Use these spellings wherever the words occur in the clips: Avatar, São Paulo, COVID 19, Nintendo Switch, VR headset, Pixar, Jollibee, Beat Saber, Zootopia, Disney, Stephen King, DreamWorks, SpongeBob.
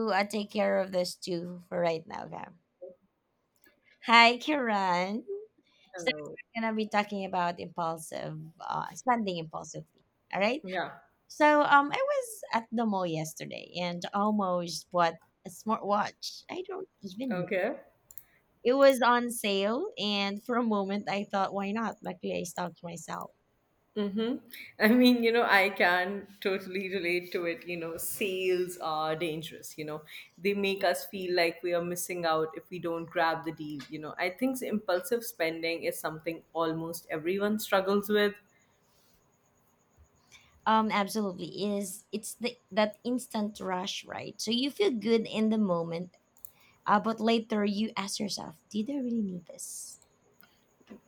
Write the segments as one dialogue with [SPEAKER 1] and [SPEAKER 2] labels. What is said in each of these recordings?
[SPEAKER 1] I take care of this too for right now, Cam. Hi, Kiran. So
[SPEAKER 2] Oh,
[SPEAKER 1] we're gonna be talking about impulsive, spending impulsively. All right.
[SPEAKER 2] yeah.
[SPEAKER 1] So I was at the mall yesterday and almost bought a smartwatch. I don't even know.
[SPEAKER 2] Okay.
[SPEAKER 1] It was on sale, and for a moment I thought, why not? Luckily, I stopped myself.
[SPEAKER 2] Mm-hmm. I mean, I can totally relate to it. Sales are dangerous. They make us feel like we are missing out if we don't grab the deal. I think impulsive spending is something almost everyone struggles with.
[SPEAKER 1] Absolutely is it's the that instant rush, right? So you feel good in the moment. But later you ask yourself, did I really need this?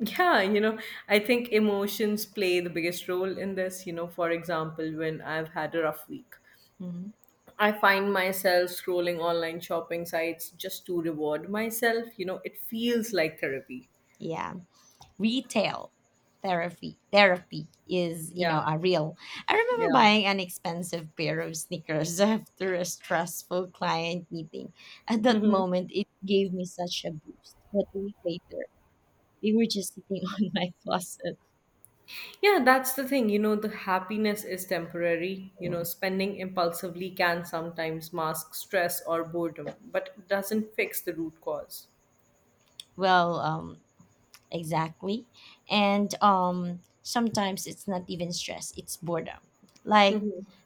[SPEAKER 2] Yeah, I think emotions play the biggest role in this. For example, when I've had a rough week.
[SPEAKER 1] Mhm.
[SPEAKER 2] I find myself scrolling online shopping sites just to reward myself. It feels like therapy.
[SPEAKER 1] Yeah. Retail therapy is you know
[SPEAKER 2] Yeah.
[SPEAKER 1] a real. I remember
[SPEAKER 2] Yeah.
[SPEAKER 1] buying an expensive pair of sneakers after a stressful client meeting. At that
[SPEAKER 2] Hmm.
[SPEAKER 1] moment it gave me such a boost, but a week later they were just sitting on my closet.
[SPEAKER 2] Yeah, that's the thing. The happiness is temporary.
[SPEAKER 1] Mm.
[SPEAKER 2] Spending impulsively can sometimes mask stress or boredom, but it doesn't fix the root cause.
[SPEAKER 1] Well, exactly. And sometimes it's not even stress, it's boredom. Like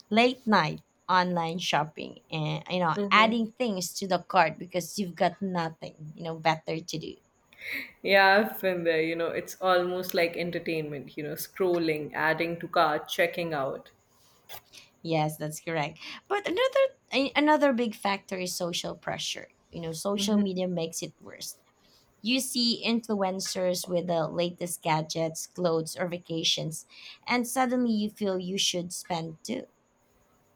[SPEAKER 1] late night online shopping, and you know
[SPEAKER 2] Hmm.
[SPEAKER 1] adding things to the cart because you've got nothing better to do.
[SPEAKER 2] Yeah, I've been there. It's almost like entertainment, scrolling, adding to cart, checking out.
[SPEAKER 1] Yes, that's correct, but another big factor is social pressure. You know, social media makes it worse. You see influencers with the latest gadgets, clothes, or vacations, and suddenly you feel you should spend too.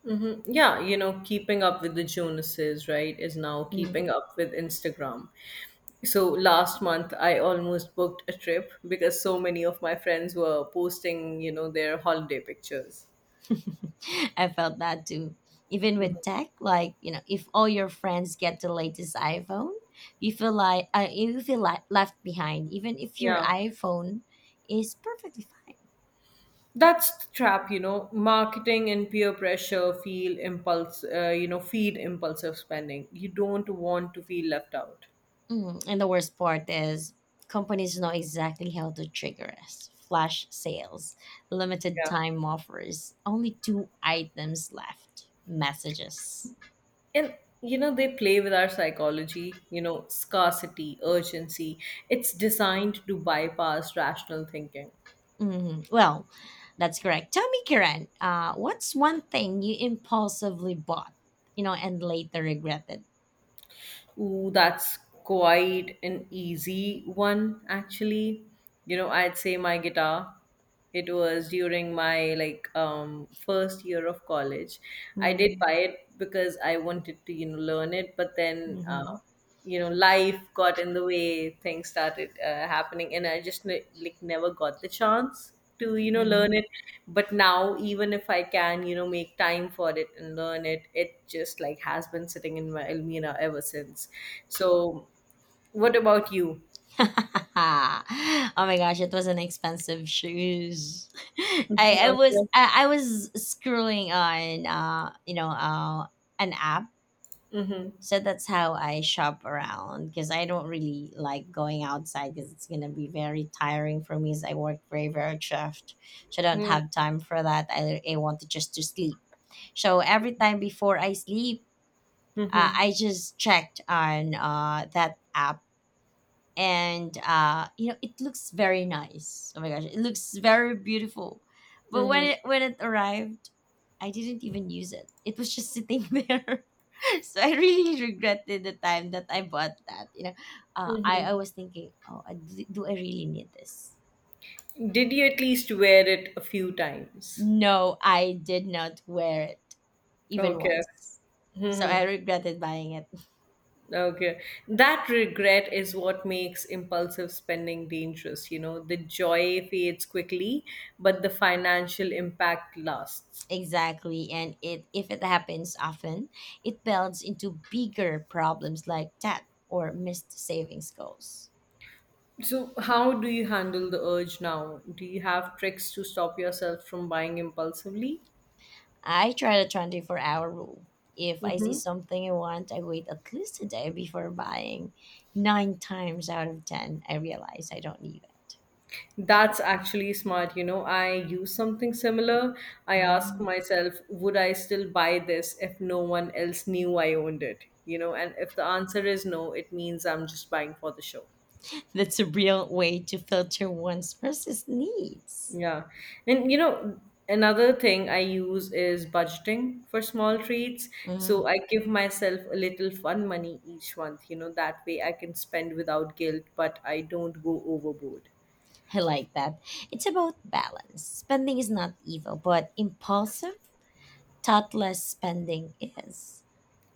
[SPEAKER 2] Mm-hmm. Yeah, keeping up with the Jonases, right, is now
[SPEAKER 1] Hmm.
[SPEAKER 2] keeping up with Instagram. So last month, I almost booked a trip because so many of my friends were posting, their holiday pictures.
[SPEAKER 1] I felt that too. Even with tech, like you know, if all your friends get the latest iPhone, you feel like left behind. Even if your
[SPEAKER 2] Yeah,
[SPEAKER 1] iPhone is perfectly fine.
[SPEAKER 2] that's the trap, marketing and peer pressure feel impulse, you know, feed impulsive spending. You don't want to feel left out.
[SPEAKER 1] Mm. And the worst part is companies know exactly how to trigger us. Flash sales, limited
[SPEAKER 2] Yeah.
[SPEAKER 1] time offers, only two items left. Messages.
[SPEAKER 2] And they play with our psychology, scarcity, urgency. It's designed to bypass rational thinking.
[SPEAKER 1] Hmm. Well, that's correct. Tell me, Kiran, what's one thing you impulsively bought, you know, and later regretted?
[SPEAKER 2] Ooh, that's quite an easy one, actually. I'd say my guitar. It was during my like first year of college. I did buy it because I wanted to, learn it, but then
[SPEAKER 1] Mm-hmm.
[SPEAKER 2] life got in the way, things started happening, and I just like never got the chance to learn
[SPEAKER 1] Hmm.
[SPEAKER 2] it. But now, even if I can make time for it and learn it, it just like has been sitting in my almira ever since. So what about you?
[SPEAKER 1] Oh my gosh, it was an expensive shoes. I,
[SPEAKER 2] Mm-hmm.
[SPEAKER 1] I was I, I was scrolling on an app. So that's how I shop around because I don't really like going outside, because it's gonna be very tiring for me. As I work very very shift, so I don't have time for that. I want to just to sleep. So every time before I sleep,
[SPEAKER 2] Mm-hmm.
[SPEAKER 1] I just checked on that app and you know it looks very nice. Oh my gosh, it looks very beautiful. But when
[SPEAKER 2] Hmm.
[SPEAKER 1] it when it arrived, I didn't even use it. It was just sitting there. So I really regretted the time that I bought that. You know, I was thinking, oh, do I really need this?
[SPEAKER 2] Did you at least wear it a few times?
[SPEAKER 1] No, I did not wear it even
[SPEAKER 2] Okay.
[SPEAKER 1] once. So I
[SPEAKER 2] Hmm.
[SPEAKER 1] regretted buying it.
[SPEAKER 2] Okay. That regret is what makes impulsive spending dangerous. The joy fades quickly, but the financial impact lasts.
[SPEAKER 1] Exactly, and it if it happens often, it builds into bigger problems like debt or missed savings goals.
[SPEAKER 2] So, how do you handle the urge now? Do you have tricks to stop yourself from buying impulsively?
[SPEAKER 1] I try the 24-hour rule. If I see something I want, I wait at least a day before buying. Nine times out of ten, I realize I don't need it.
[SPEAKER 2] That's actually smart. I use something similar. I ask
[SPEAKER 1] Mhm.
[SPEAKER 2] myself, would I still buy this if no one else knew I owned it? And if the answer is no, it means I'm just buying for the show.
[SPEAKER 1] That's a real way to filter one's versus needs.
[SPEAKER 2] Yeah. And another thing I use is budgeting for small treats. So
[SPEAKER 1] Mhm.
[SPEAKER 2] I give myself a little fun money each month. That way I can spend without guilt, but I don't go overboard.
[SPEAKER 1] I like that. It's about balance. Spending is not evil, but impulsive thoughtless spending is.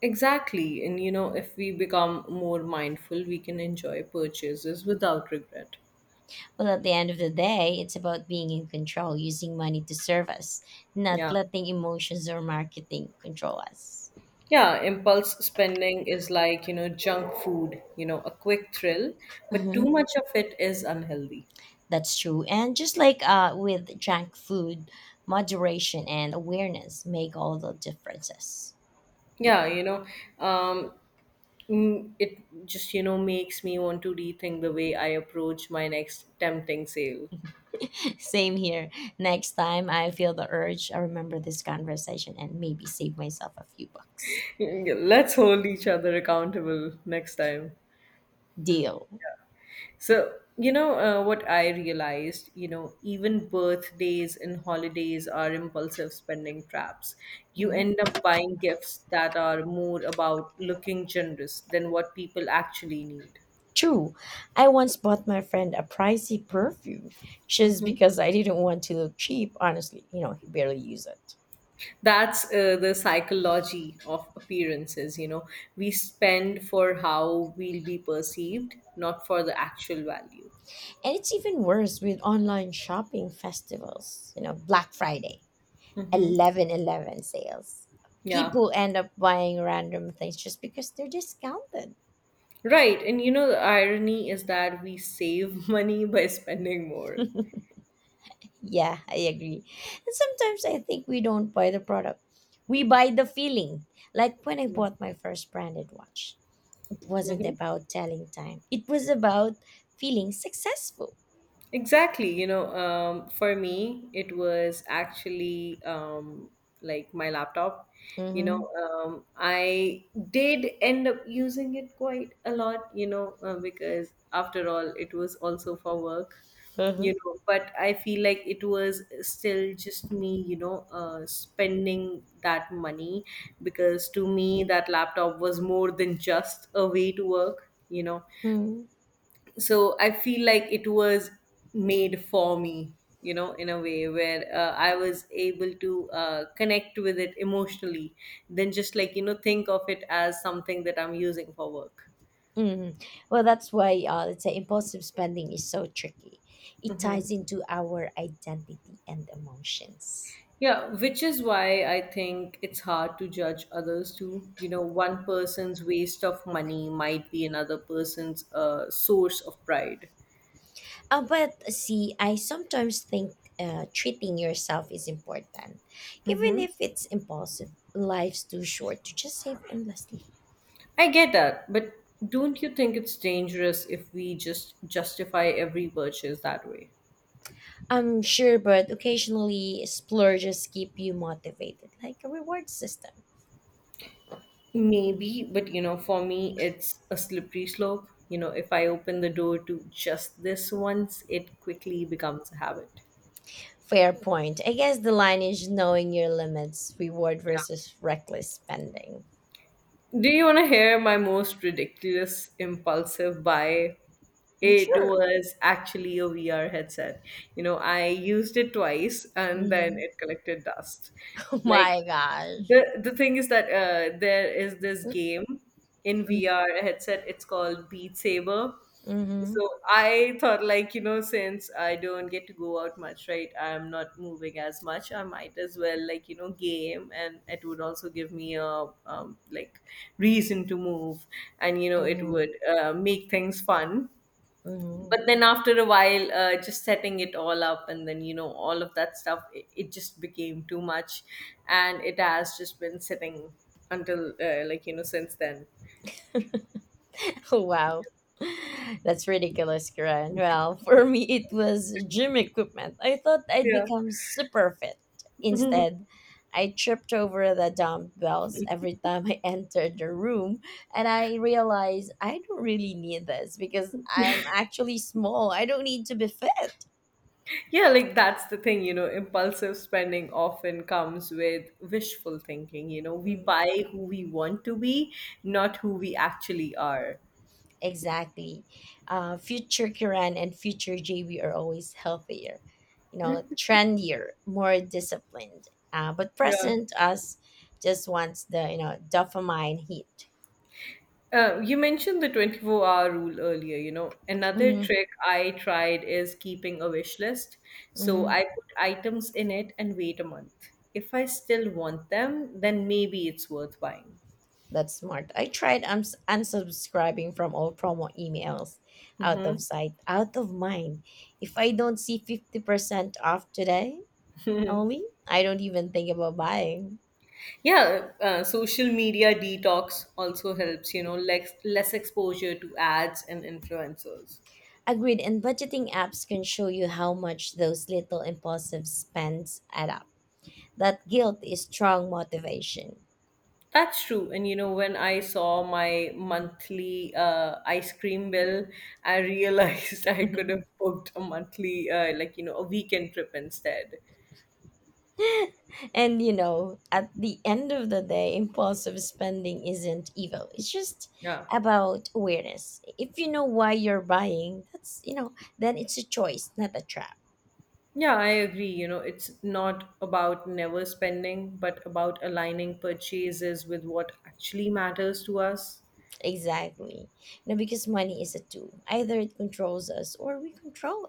[SPEAKER 2] Exactly. And if we become more mindful, we can enjoy purchases without regret.
[SPEAKER 1] Well, at the end of the day, it's about being in control, using money to serve us, not
[SPEAKER 2] Yeah.
[SPEAKER 1] letting emotions or marketing control us.
[SPEAKER 2] Yeah, impulse spending is like, junk food, a quick thrill, but
[SPEAKER 1] Hmm.
[SPEAKER 2] too much of it is unhealthy.
[SPEAKER 1] That's true. And just like with junk food, moderation and awareness make all the differences.
[SPEAKER 2] Yeah, um, it just makes me want to rethink the way I approach my next tempting sale.
[SPEAKER 1] Same here. Next time I feel the urge, I remember this conversation and maybe save myself a few bucks.
[SPEAKER 2] Yeah, let's hold each other accountable next time.
[SPEAKER 1] Deal.
[SPEAKER 2] So, what I realized, even birthdays and holidays are impulsive spending traps. You
[SPEAKER 1] Mhm.
[SPEAKER 2] end up buying gifts that are more about looking generous than what people actually need.
[SPEAKER 1] True, I once bought my friend a pricey perfume just because I didn't want to look cheap. Honestly, you know, he barely used it.
[SPEAKER 2] That's the psychology of appearances. We spend for how we'll be perceived, not for the actual value.
[SPEAKER 1] And it's even worse with online shopping festivals, you know, Black Friday,
[SPEAKER 2] Hmm.
[SPEAKER 1] 1111 sales.
[SPEAKER 2] Yeah,
[SPEAKER 1] People end up buying random things just because they're discounted.
[SPEAKER 2] right, and the irony is that we save money by spending more.
[SPEAKER 1] Yeah, I agree. And sometimes I think we don't buy the product, we buy the feeling. Like when I bought my first branded watch, wasn't
[SPEAKER 2] Mhm.
[SPEAKER 1] about telling time. It was about feeling successful.
[SPEAKER 2] Exactly. For me, it was actually like my laptop. You
[SPEAKER 1] Mm-hmm.
[SPEAKER 2] know, um, I did end up using it quite a lot, because after all, it was also for work,
[SPEAKER 1] Uh-huh.
[SPEAKER 2] but I feel like it was still just me, spending that money, because to me, that laptop was more than just a way to work. You know,
[SPEAKER 1] Hmm.
[SPEAKER 2] so I feel like it was made for me in a way where I was able to connect with it emotionally, then just like think of it as something that I'm using for work.
[SPEAKER 1] Hmm. Well, that's why let's say impulsive spending is so tricky. It
[SPEAKER 2] Hmm.
[SPEAKER 1] ties into our identity and emotions.
[SPEAKER 2] Yeah, which is why I think it's hard to judge others too. One person's waste of money might be another person's source of pride.
[SPEAKER 1] But see, I sometimes think treating yourself is important, even
[SPEAKER 2] Mhm.
[SPEAKER 1] if it's impulsive. Life's too short to just save endlessly.
[SPEAKER 2] I get that, but don't you think it's dangerous if we just justify every purchase that way?
[SPEAKER 1] I'm sure, but occasionally splurges keep you motivated, like a reward system.
[SPEAKER 2] Maybe, but for me, it's a slippery slope. If I open the door to just this once, it quickly becomes a habit.
[SPEAKER 1] Fair point. I guess the line is knowing your limits, reward versus reckless spending.
[SPEAKER 2] Do you want to hear my most ridiculous impulsive buy?
[SPEAKER 1] Mm,
[SPEAKER 2] It
[SPEAKER 1] sure.
[SPEAKER 2] was actually a VR headset. I used it twice and then
[SPEAKER 1] Mhm.
[SPEAKER 2] it collected dust.
[SPEAKER 1] Oh
[SPEAKER 2] Like
[SPEAKER 1] my gosh.
[SPEAKER 2] the thing is that there is this game in VR headset. It's called Beat Saber.
[SPEAKER 1] Hmm.
[SPEAKER 2] So I thought, since I don't get to go out much, right? I'm not moving as much. I might as well, game, and it would also give me a reason to move, and it
[SPEAKER 1] Hmm.
[SPEAKER 2] would make things fun.
[SPEAKER 1] Hmm.
[SPEAKER 2] But then, after a while, just setting it all up and then all of that stuff, it just became too much, and it has just been sitting until since then.
[SPEAKER 1] Oh, wow. That's ridiculous, Karen. Well, for me, it was gym equipment. I thought I'd
[SPEAKER 2] Yeah.
[SPEAKER 1] become super fit.
[SPEAKER 2] Mhm.
[SPEAKER 1] Instead, I tripped over the dumbbells every time I entered the room, and I realized I don't really need this because I'm actually small. I don't need to be fit.
[SPEAKER 2] Yeah, like that's the thing. Impulsive spending often comes with wishful thinking. We
[SPEAKER 1] Mm.
[SPEAKER 2] buy who we want to be, not who we actually are.
[SPEAKER 1] Exactly. Future Kiran and future JB are always healthier, you know, trendier, more disciplined. But
[SPEAKER 2] Yeah.
[SPEAKER 1] present us just wants the, you know, dopamine hit.
[SPEAKER 2] You mentioned the 24-hour hour rule earlier, Another
[SPEAKER 1] Hmm.
[SPEAKER 2] trick I tried is keeping a wish list. So
[SPEAKER 1] Hmm.
[SPEAKER 2] I put items in it and wait a month. If I still want them, then maybe it's worth buying.
[SPEAKER 1] That's smart. I tried unsubscribing from all promo emails, out of
[SPEAKER 2] Hmm.
[SPEAKER 1] sight, out of mind. If I don't see 50% off today, Only I don't even think about buying.
[SPEAKER 2] Yeah, social media detox also helps, less exposure to ads and influencers.
[SPEAKER 1] Agreed, and budgeting apps can show you how much those little impulsive spends add up. That guilt is strong motivation.
[SPEAKER 2] That's true. And when I saw my monthly ice cream bill, I realized I could have booked a monthly, a weekend trip instead.
[SPEAKER 1] And you know, at the end of the day, impulsive spending isn't evil. It's just
[SPEAKER 2] Yeah.
[SPEAKER 1] about awareness. If you know why you're buying, that's then it's a choice, not a trap.
[SPEAKER 2] Yeah, I agree. It's not about never spending, but about aligning purchases with what actually matters to us.
[SPEAKER 1] Exactly. You know, because money is a tool. Either it controls us or we control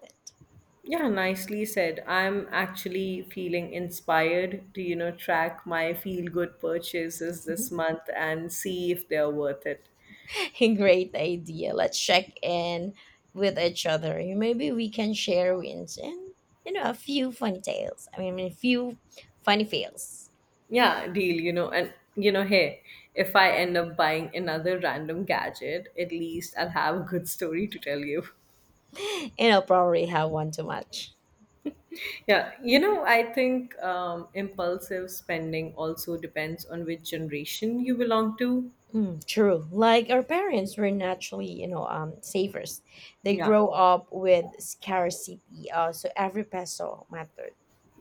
[SPEAKER 2] Yeah, nicely said. I'm actually feeling inspired to, track my feel good purchases this
[SPEAKER 1] it.
[SPEAKER 2] month and see if they're worth it.
[SPEAKER 1] Great idea. Let's check in with each other. Maybe we can share wins and a few funny tales. I mean, a few funny fails.
[SPEAKER 2] Yeah, deal. And hey, if I end up buying another random gadget, at least I'll have a good story to tell you.
[SPEAKER 1] And I'll probably have one too much.
[SPEAKER 2] Yeah, I think impulsive spending also depends on which generation you belong to.
[SPEAKER 1] Mm, true. Like our parents were naturally, you know, savers. They
[SPEAKER 2] Yeah,
[SPEAKER 1] grow up with scarcity, so every peso mattered.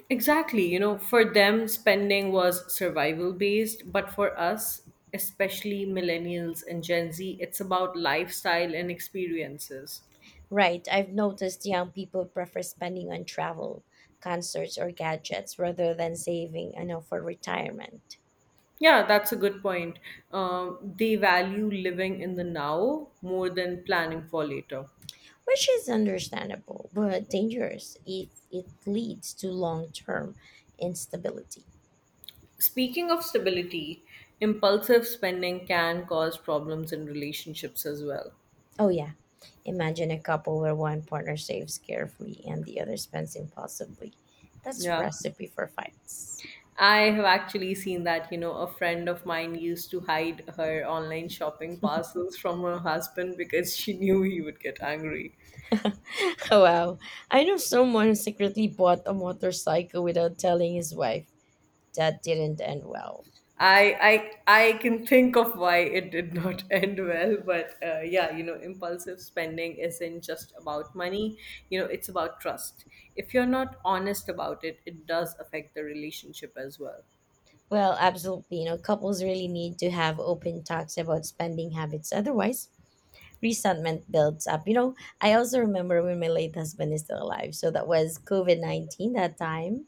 [SPEAKER 2] exactly. For them, spending was survival based, but for us, especially millennials and gen z, it's about lifestyle and experiences.
[SPEAKER 1] Right. I've noticed young people prefer spending on travel, concerts, or gadgets rather than saving, you know, for retirement,
[SPEAKER 2] Yeah, that's a good point. They value living in the now more than planning for later.
[SPEAKER 1] which is understandable but dangerous if it leads to long-term instability.
[SPEAKER 2] Speaking of stability, impulsive spending can cause problems in relationships as well.
[SPEAKER 1] Oh yeah. Imagine a couple where one partner saves carefully and the other spends impulsively. That's
[SPEAKER 2] Yeah.
[SPEAKER 1] recipe for fights.
[SPEAKER 2] I have actually seen that, a friend of mine used to hide her online shopping parcels from her husband because she knew he would get angry.
[SPEAKER 1] Wow. I know someone who secretly bought a motorcycle without telling his wife. That didn't end well.
[SPEAKER 2] I can think of why it did not end well, but yeah, impulsive spending isn't just about money. It's about trust. If you're not honest about it, it does affect the relationship as well.
[SPEAKER 1] Well, absolutely. You know, couples really need to have open talks about spending habits. Otherwise, resentment builds up. You know, I also remember when my late husband is still alive. So that was COVID 19 that time.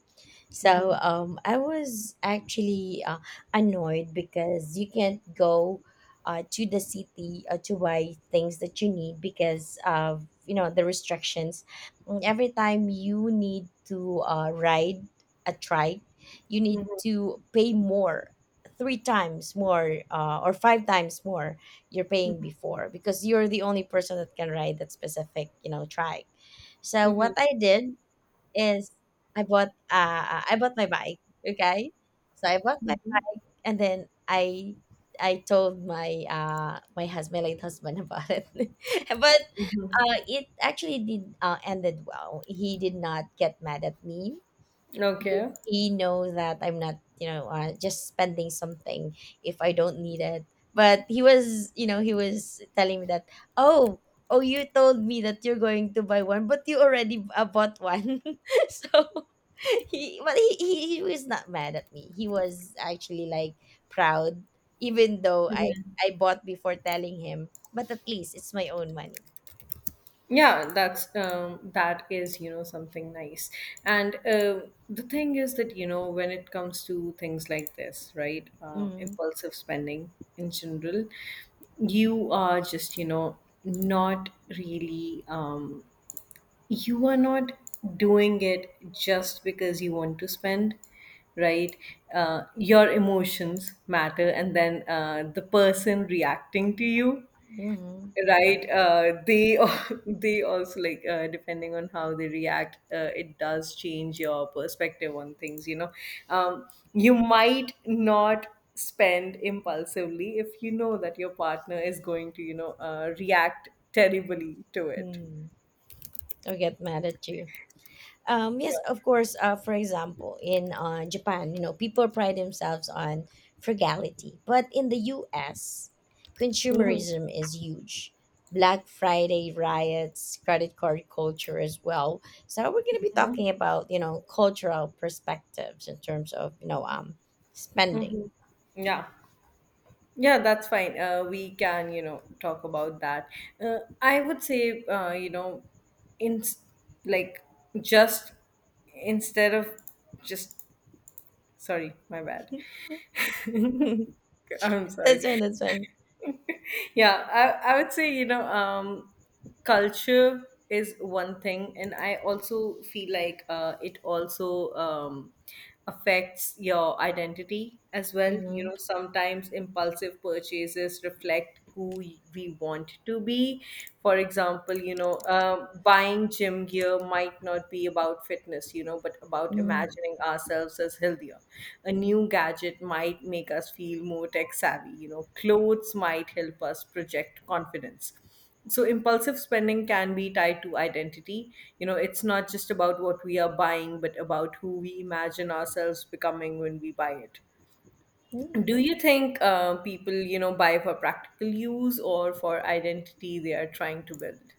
[SPEAKER 1] So
[SPEAKER 2] Mm-hmm.
[SPEAKER 1] um, I was actually annoyed because you can't go to the city to buy things that you need because of you know the restrictions. Mm. Every time you need to ride a trike, you need
[SPEAKER 2] Mm-hmm.
[SPEAKER 1] to pay more, three times more or five times more you're paying before, because you're the only person that can ride that specific you know trike. So
[SPEAKER 2] Mm-hmm.
[SPEAKER 1] what I did is I bought my bike. Okay. So I bought my, and then I told my my husband, my late husband about it. But it actually did ended well. He did not get mad at me. he,
[SPEAKER 2] Okay.
[SPEAKER 1] he know that I'm not, you know, just spending something if I don't need it. But he was, you know, he was telling me that, oh, oh, you told me that you're going to buy one, but you already bought one. So he, he was not mad at me. He was actually like proud, even though I bought before telling him. But at least it's my own money.
[SPEAKER 2] Yeah, that's that is something nice. And the thing is that when it comes to things like this, right,
[SPEAKER 1] Mm-hmm.
[SPEAKER 2] impulsive spending in general, you are just not really you are not doing it just because you want to spend, right? Your emotions matter, and then the person reacting to you,
[SPEAKER 1] Mm-hmm.
[SPEAKER 2] right, they al- they also like depending on how they react, it does change your perspective on things. Um, you might not spend impulsively if you know that your partner is going to react terribly to it.
[SPEAKER 1] Mm-hmm. Or get mad at you. Yes,
[SPEAKER 2] Yeah.
[SPEAKER 1] of course. For example, in Japan, you know, people pride themselves on frugality, but in the U.S.,
[SPEAKER 2] Mhm.
[SPEAKER 1] consumerism is huge. Black Friday riots, credit card culture as well. So we're going to be talking about you know cultural perspectives in terms of you know spending.
[SPEAKER 2] Yeah, yeah, that's fine, we can talk about that. I would say in like just instead of just sorry my bad. I'm
[SPEAKER 1] That's
[SPEAKER 2] sorry.
[SPEAKER 1] fine, that's fine.
[SPEAKER 2] Yeah. I would say culture is one thing, and I also feel like it also affects your identity as well. Sometimes impulsive purchases reflect who we want to be. For example, buying gym gear might not be about fitness, but about
[SPEAKER 1] Mm-hmm.
[SPEAKER 2] imagining ourselves as healthier. A new gadget might make us feel more tech savvy, clothes might help us project confidence. So, impulsive spending can be tied to identity. It's not just about what we are buying, but about who we imagine ourselves becoming when we buy it. Do you think people, buy for practical use or for identity they are trying to build?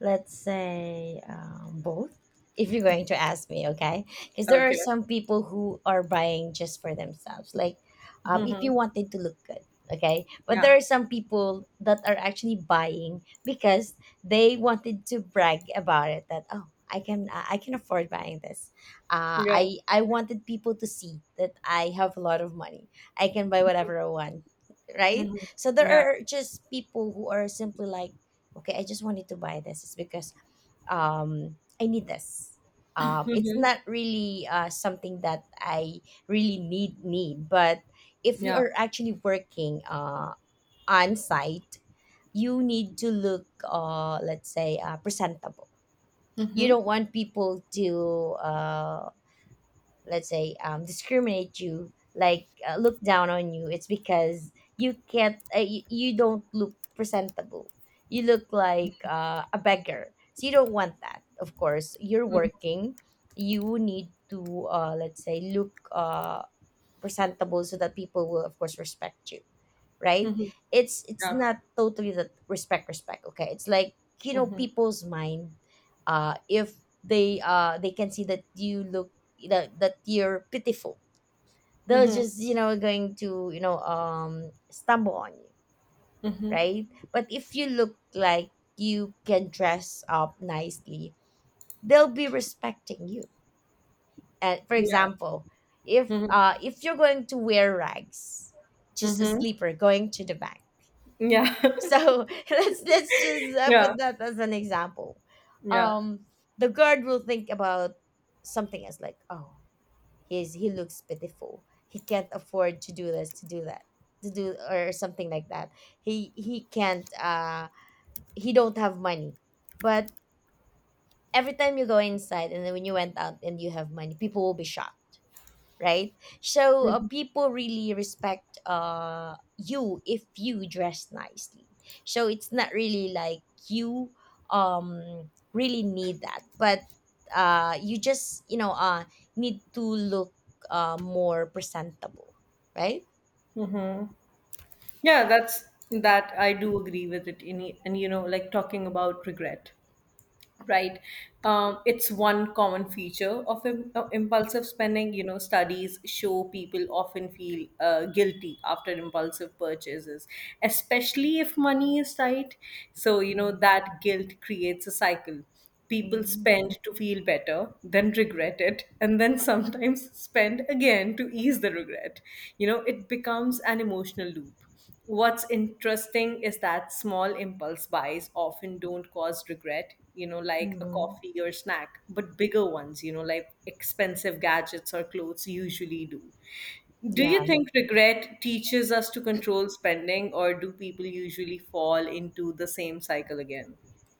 [SPEAKER 1] Let's say both. If you're going to ask me, okay, because there are
[SPEAKER 2] Okay.
[SPEAKER 1] some people who are buying just for themselves, like if
[SPEAKER 2] Hmm.
[SPEAKER 1] you wanted to look good. Okay, but there
[SPEAKER 2] Yeah.
[SPEAKER 1] are some people that are actually buying because they wanted to brag about it that, oh, I can I can afford buying this. uh,
[SPEAKER 2] Yeah.
[SPEAKER 1] i i wanted people to see that I have a lot of money. I can buy whatever I want, right?
[SPEAKER 2] Mhm.
[SPEAKER 1] So there
[SPEAKER 2] Yeah.
[SPEAKER 1] are just people who are simply like, okay, I just wanted to buy this. It's because I need this. It's
[SPEAKER 2] Mhm.
[SPEAKER 1] not really something that I really need but if you
[SPEAKER 2] Yeah.
[SPEAKER 1] are actually working on site, you need to look, let's say, presentable. You
[SPEAKER 2] Mhm.
[SPEAKER 1] don't want people to let's say, discriminate you, like, look down on you. It's because you can't, you don't look presentable, you look like a beggar. So you don't want that, of course you're
[SPEAKER 2] Mm.
[SPEAKER 1] working. You need to, let's say, look, presentable, so that people will of course respect you, right? It's
[SPEAKER 2] Yeah.
[SPEAKER 1] not totally that respect, okay, it's like, you know,
[SPEAKER 2] Mhm.
[SPEAKER 1] people's mind. If they they can see that you look that you're pitiful, they're
[SPEAKER 2] Mhm.
[SPEAKER 1] just, you know, going to, you know, stumble on you,
[SPEAKER 2] Mhm.
[SPEAKER 1] right? But if you look like you can dress up nicely, they'll be respecting you. For
[SPEAKER 2] Yeah.
[SPEAKER 1] example, if,
[SPEAKER 2] Mhm.
[SPEAKER 1] if you're going to wear rags, just a
[SPEAKER 2] Mhm.
[SPEAKER 1] sleeper going to the bank.
[SPEAKER 2] Yeah.
[SPEAKER 1] So let's just, put
[SPEAKER 2] Yeah.
[SPEAKER 1] that as an example.
[SPEAKER 2] Yeah.
[SPEAKER 1] Um, the guard will think about something as like, oh, he looks pitiful. He can't afford to do this, to do that, to do or something like that. He can't. He don't have money. But every time you go inside and then when you went out and you have money, people will be shocked, right? So, people really respect you if you dress nicely. So it's not really like you really need that, but you just, you know, need to look more presentable, right?
[SPEAKER 2] Yeah, that's that I do agree with it in and like talking about regret. Right. It's one common feature of impulsive spending. You know, studies show people often feel guilty after impulsive purchases, especially if money is tight. So you know, that guilt creates a cycle. People
[SPEAKER 1] Mm-hmm.
[SPEAKER 2] spend to feel better, then regret it, and then sometimes spend again to ease the regret. You know, it becomes an emotional loop. What's interesting is that small impulse buys often don't cause regret, you know, like a
[SPEAKER 1] Mm-hmm.
[SPEAKER 2] coffee or snack, but bigger ones, you know, like expensive gadgets or clothes usually do. Do
[SPEAKER 1] Yeah.
[SPEAKER 2] you think regret teaches us to control spending, or do people usually fall into the same cycle again?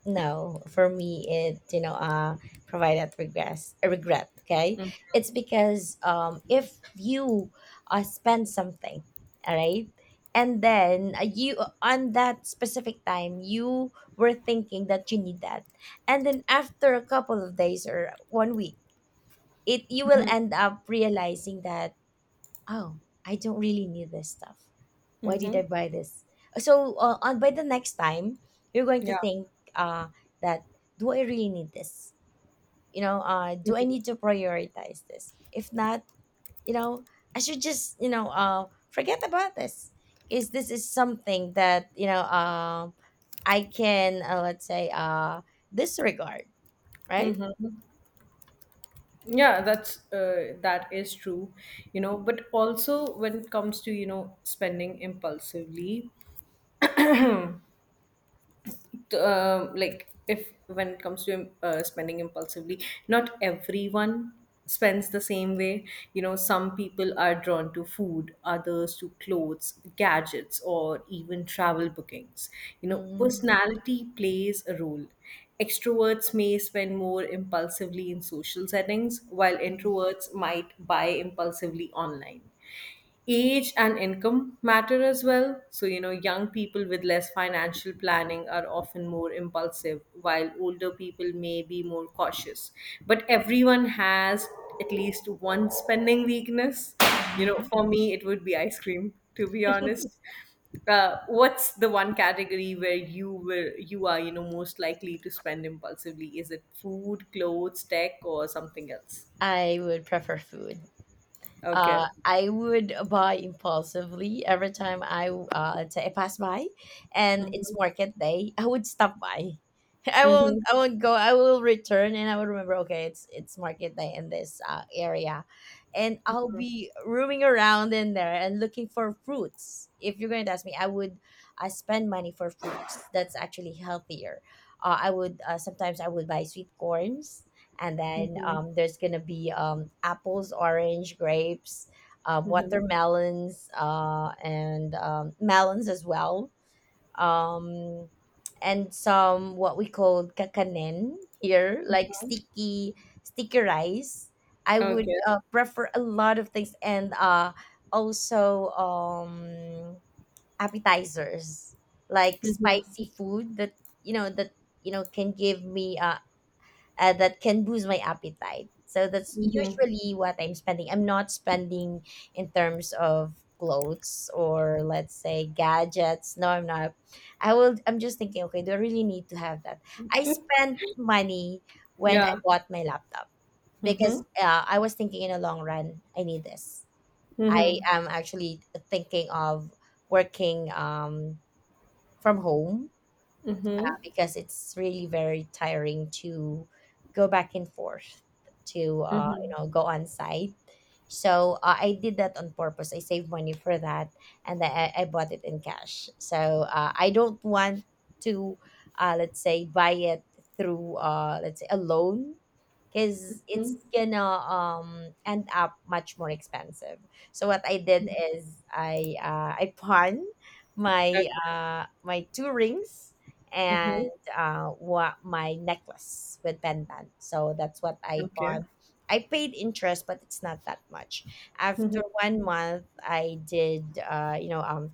[SPEAKER 1] No, for me, it, you know, provided regress, a regret. Okay, it's because if you spend something, all right, and then, you, on that specific time you were thinking that you need that, and then after a couple of days or 1 week, it you will end up realizing that, oh, I don't really need this stuff. Why did
[SPEAKER 2] Mm-hmm.
[SPEAKER 1] I buy this? So, on by the next time, you're going to
[SPEAKER 2] Yeah.
[SPEAKER 1] think, uh, that, do I really need this? You know, do I
[SPEAKER 2] Mhm.
[SPEAKER 1] need to prioritize this? If not, you know, I should just, you know, forget about this. Is this is something that, you know, I can, let's say, disregard, right?
[SPEAKER 2] Yeah, that is true, you know, but also when it comes to, you know, spending impulsively, like if when it comes to spending impulsively, not everyone spends the same way. You know, some people are drawn to food, others to clothes, gadgets, or even travel bookings. You know,
[SPEAKER 1] Mm.
[SPEAKER 2] personality plays a role. Extroverts may spend more impulsively in social settings, while
[SPEAKER 1] Mm.
[SPEAKER 2] introverts might buy impulsively online. Age and income matter as well. So, you know, young people with less financial planning are often more impulsive, while older people may be more cautious. But everyone has at least one spending weakness. You know,
[SPEAKER 1] Mm.
[SPEAKER 2] for me, it would be ice cream, to be honest. What's the one category where you are you know most likely to spend impulsively? Is it food, clothes, tech, or something else?
[SPEAKER 1] I would prefer food.
[SPEAKER 2] Okay.
[SPEAKER 1] I would buy impulsively every time I pass by, and
[SPEAKER 2] Mm-hmm.
[SPEAKER 1] it's market day. I would stop by. I
[SPEAKER 2] Mm-hmm.
[SPEAKER 1] won't. I won't go. I will return, and I will remember. Okay, it's market day in this area, and I'll be roaming around in there and looking for fruits. If you're going to ask me, I would, spend money for fruits. That's actually healthier. I would, sometimes I would buy sweet corns, and then
[SPEAKER 2] Mm-hmm.
[SPEAKER 1] there's gonna be apples, orange, grapes,
[SPEAKER 2] Mm-hmm.
[SPEAKER 1] watermelons, and melons as well, um, and some what we call kakanen here, like sticky rice. I would,
[SPEAKER 2] Okay.
[SPEAKER 1] prefer a lot of things, and, also, appetizers like
[SPEAKER 2] Mhm.
[SPEAKER 1] spicy food that, you know, that you know can give me, that can boost my appetite. So that's
[SPEAKER 2] Mhm.
[SPEAKER 1] usually what I'm spending. I'm not spending in terms of clothes or let's say gadgets. No, I'm not. I will. I'm just thinking, okay, do I really need to have that? I spent money when I
[SPEAKER 2] Yeah.
[SPEAKER 1] bought my laptop because,
[SPEAKER 2] Mhm.
[SPEAKER 1] I was thinking in a long run, I need this. I
[SPEAKER 2] Mhm.
[SPEAKER 1] am actually thinking of working, from home,
[SPEAKER 2] Mhm.
[SPEAKER 1] because it's really very tiring to go back and forth to, you
[SPEAKER 2] Mhm.
[SPEAKER 1] know, go on site. So, I did that on purpose. I saved money for that, and then I bought it in cash. So, I don't want to, let's say, buy it through, let's say, a loan, because it's gonna end up much more expensive. So what I did is I, I pawned
[SPEAKER 2] Okay.
[SPEAKER 1] my my two rings and,
[SPEAKER 2] Mhm.
[SPEAKER 1] what my necklace with pendant. So that's what I
[SPEAKER 2] Okay.
[SPEAKER 1] bought. I paid interest, but it's not that much. After
[SPEAKER 2] Mhm.
[SPEAKER 1] 1 month, I did, you know,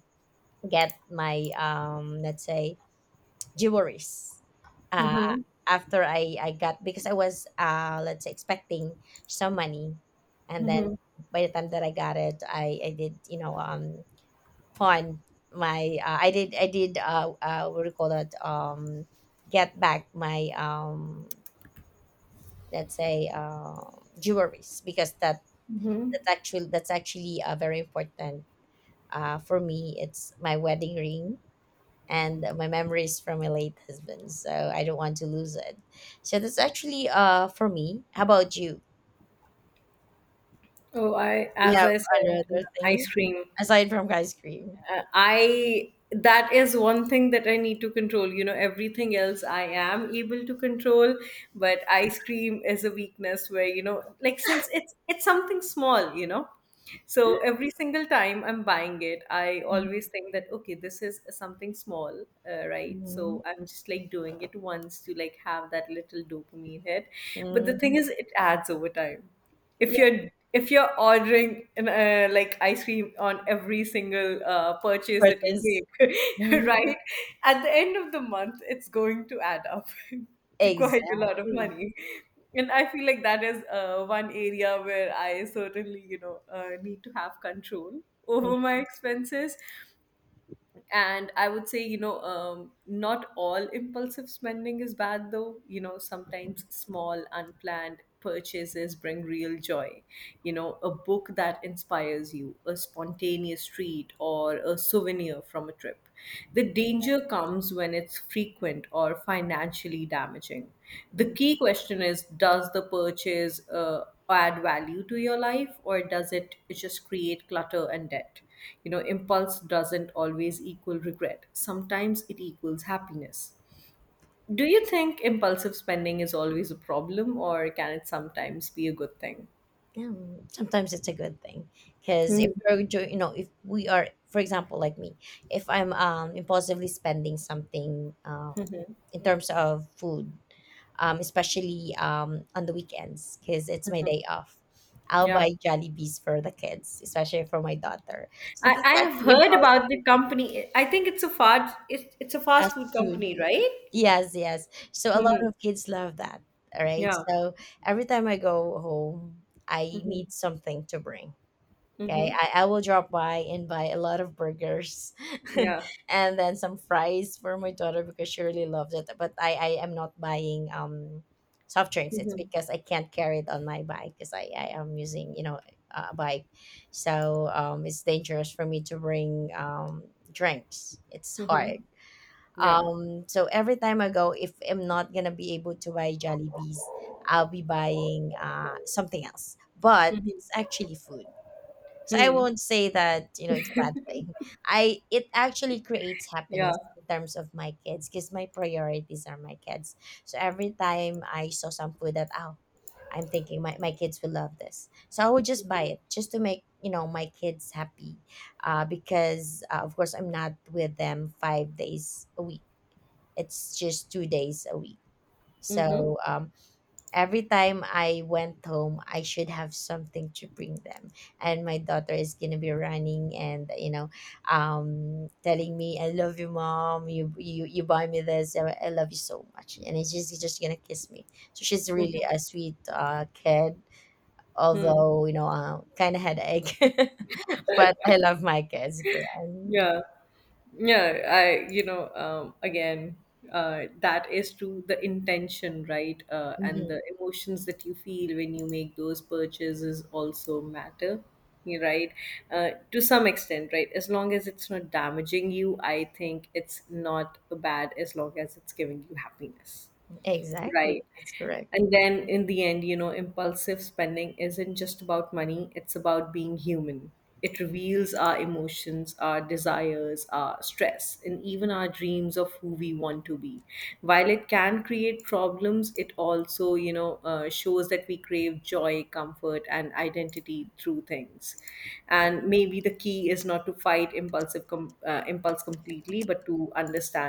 [SPEAKER 1] get my, let's say, jewelries. Uh,
[SPEAKER 2] Mhm.
[SPEAKER 1] after I got, because I was, let's say, expecting some money, and then
[SPEAKER 2] Mhm.
[SPEAKER 1] by the time that I got it, I did, you know, fun. My, I did what do you call that, get back my, let's say, jewelries, because that's actually very important for me. It's my wedding ring and my memories from my late husband, so I don't want to lose it. So that's actually, for me. How about you?
[SPEAKER 2] Oh, I
[SPEAKER 1] You
[SPEAKER 2] as
[SPEAKER 1] have
[SPEAKER 2] I said,
[SPEAKER 1] another thing
[SPEAKER 2] ice cream.
[SPEAKER 1] aside from ice cream.
[SPEAKER 2] I That is one thing that I need to control. You know, everything else I am able to control, but ice cream is a weakness where you know, like since it's something small, you know. So every single time I'm buying it, I always think that, okay, this is something small, right?
[SPEAKER 1] Mhm.
[SPEAKER 2] So I'm just like doing it once to like have that little dopamine hit. But the
[SPEAKER 1] Mm.
[SPEAKER 2] thing is, it adds over time. If
[SPEAKER 1] Yeah,
[SPEAKER 2] you're ordering an, like ice cream on every single purchase that you
[SPEAKER 1] purchase.
[SPEAKER 2] make, right? At the end of the month, it's going to add up to quite a lot of
[SPEAKER 1] Exactly.
[SPEAKER 2] money, and I feel like that is one area where I certainly you know need to have control
[SPEAKER 1] Yeah.
[SPEAKER 2] over my expenses. And I would say you know not all impulsive spending is bad, though. You know, sometimes small unplanned purchases bring real joy. You know, a book that inspires you, a spontaneous treat, or a souvenir from a trip. The danger comes when it's frequent or financially damaging. The key question is, does the purchase add value to your life, or does it just create clutter and debt? You know, impulse doesn't always equal regret, sometimes it equals happiness. Do you think impulsive spending is always a problem, or can it sometimes be a good thing?
[SPEAKER 1] Yeah. Sometimes it's a good thing because if
[SPEAKER 2] Mhm.
[SPEAKER 1] you know, if we are, for example, like me, if I'm impulsively spending something, in terms of food, especially on the weekends, because it's my day off, I'll
[SPEAKER 2] Yeah.
[SPEAKER 1] buy Jollibees for the kids, especially for my daughter. So
[SPEAKER 2] I,
[SPEAKER 1] that's
[SPEAKER 2] I have
[SPEAKER 1] actually
[SPEAKER 2] heard about the
[SPEAKER 1] impulsive
[SPEAKER 2] company. I think it's a fast
[SPEAKER 1] as
[SPEAKER 2] food
[SPEAKER 1] food.
[SPEAKER 2] company, right?
[SPEAKER 1] Yes, yes. So a lot
[SPEAKER 2] Mm-hmm.
[SPEAKER 1] of kids love that. All right.
[SPEAKER 2] Yeah.
[SPEAKER 1] So every time I go home, I
[SPEAKER 2] Mm-hmm.
[SPEAKER 1] need something to bring. Okay.
[SPEAKER 2] Mm-hmm.
[SPEAKER 1] I will drop by and buy a lot of burgers
[SPEAKER 2] Yeah.
[SPEAKER 1] and then some fries for my daughter, because she really loves it. But I am not buying soft drinks. It's
[SPEAKER 2] Mm-hmm.
[SPEAKER 1] because I can't carry it on my bike, because I am using, you know, a bike. So it's dangerous for me to bring drinks. It's
[SPEAKER 2] Mm-hmm.
[SPEAKER 1] hard.
[SPEAKER 2] Yeah.
[SPEAKER 1] So every time I go, if I'm not gonna be able to buy Jollibees, I'll be buying, something else. But it's
[SPEAKER 2] Mm-hmm.
[SPEAKER 1] actually food. So I
[SPEAKER 2] Hmm.
[SPEAKER 1] won't say that, you know, it's a bad thing. I it actually creates
[SPEAKER 2] Yeah.
[SPEAKER 1] happiness in terms of my kids, because my priorities are my kids. So every time I saw some food that, oh, I'm thinking my kids will love this. So I would just buy it, just to make, you know, my kids happy. Because, of course I'm not with them 5 days a week, it's just 2 days a week,
[SPEAKER 2] Mm-hmm.
[SPEAKER 1] so, every time I went home I should have something to bring them. And my daughter is gonna be running and, you know, telling me, I love you mom, you buy me this, I love you so much, and it's just gonna kiss me. So she's really
[SPEAKER 2] Mm-hmm.
[SPEAKER 1] a sweet, kid,
[SPEAKER 2] Hmm.
[SPEAKER 1] although, you know, kind of headache but I love my kids girl.
[SPEAKER 2] Yeah. Yeah. I again, that is to the intention, right? And
[SPEAKER 1] Mhm.
[SPEAKER 2] the emotions that you feel when you make those purchases also matter. You're right, to some extent, right? As long as it's not damaging you, I think it's not bad, as long as it's giving you happiness.
[SPEAKER 1] Exactly,
[SPEAKER 2] Right.
[SPEAKER 1] that's correct.
[SPEAKER 2] And then in the end, you know, impulsive spending isn't just about money, it's about being human. It reveals our emotions, our desires, our stress, and even our dreams of who we want to be. While it can create problems, it also, you know, shows that we crave joy, comfort, and identity through things. And maybe the key is not to fight impulse completely, but to understand.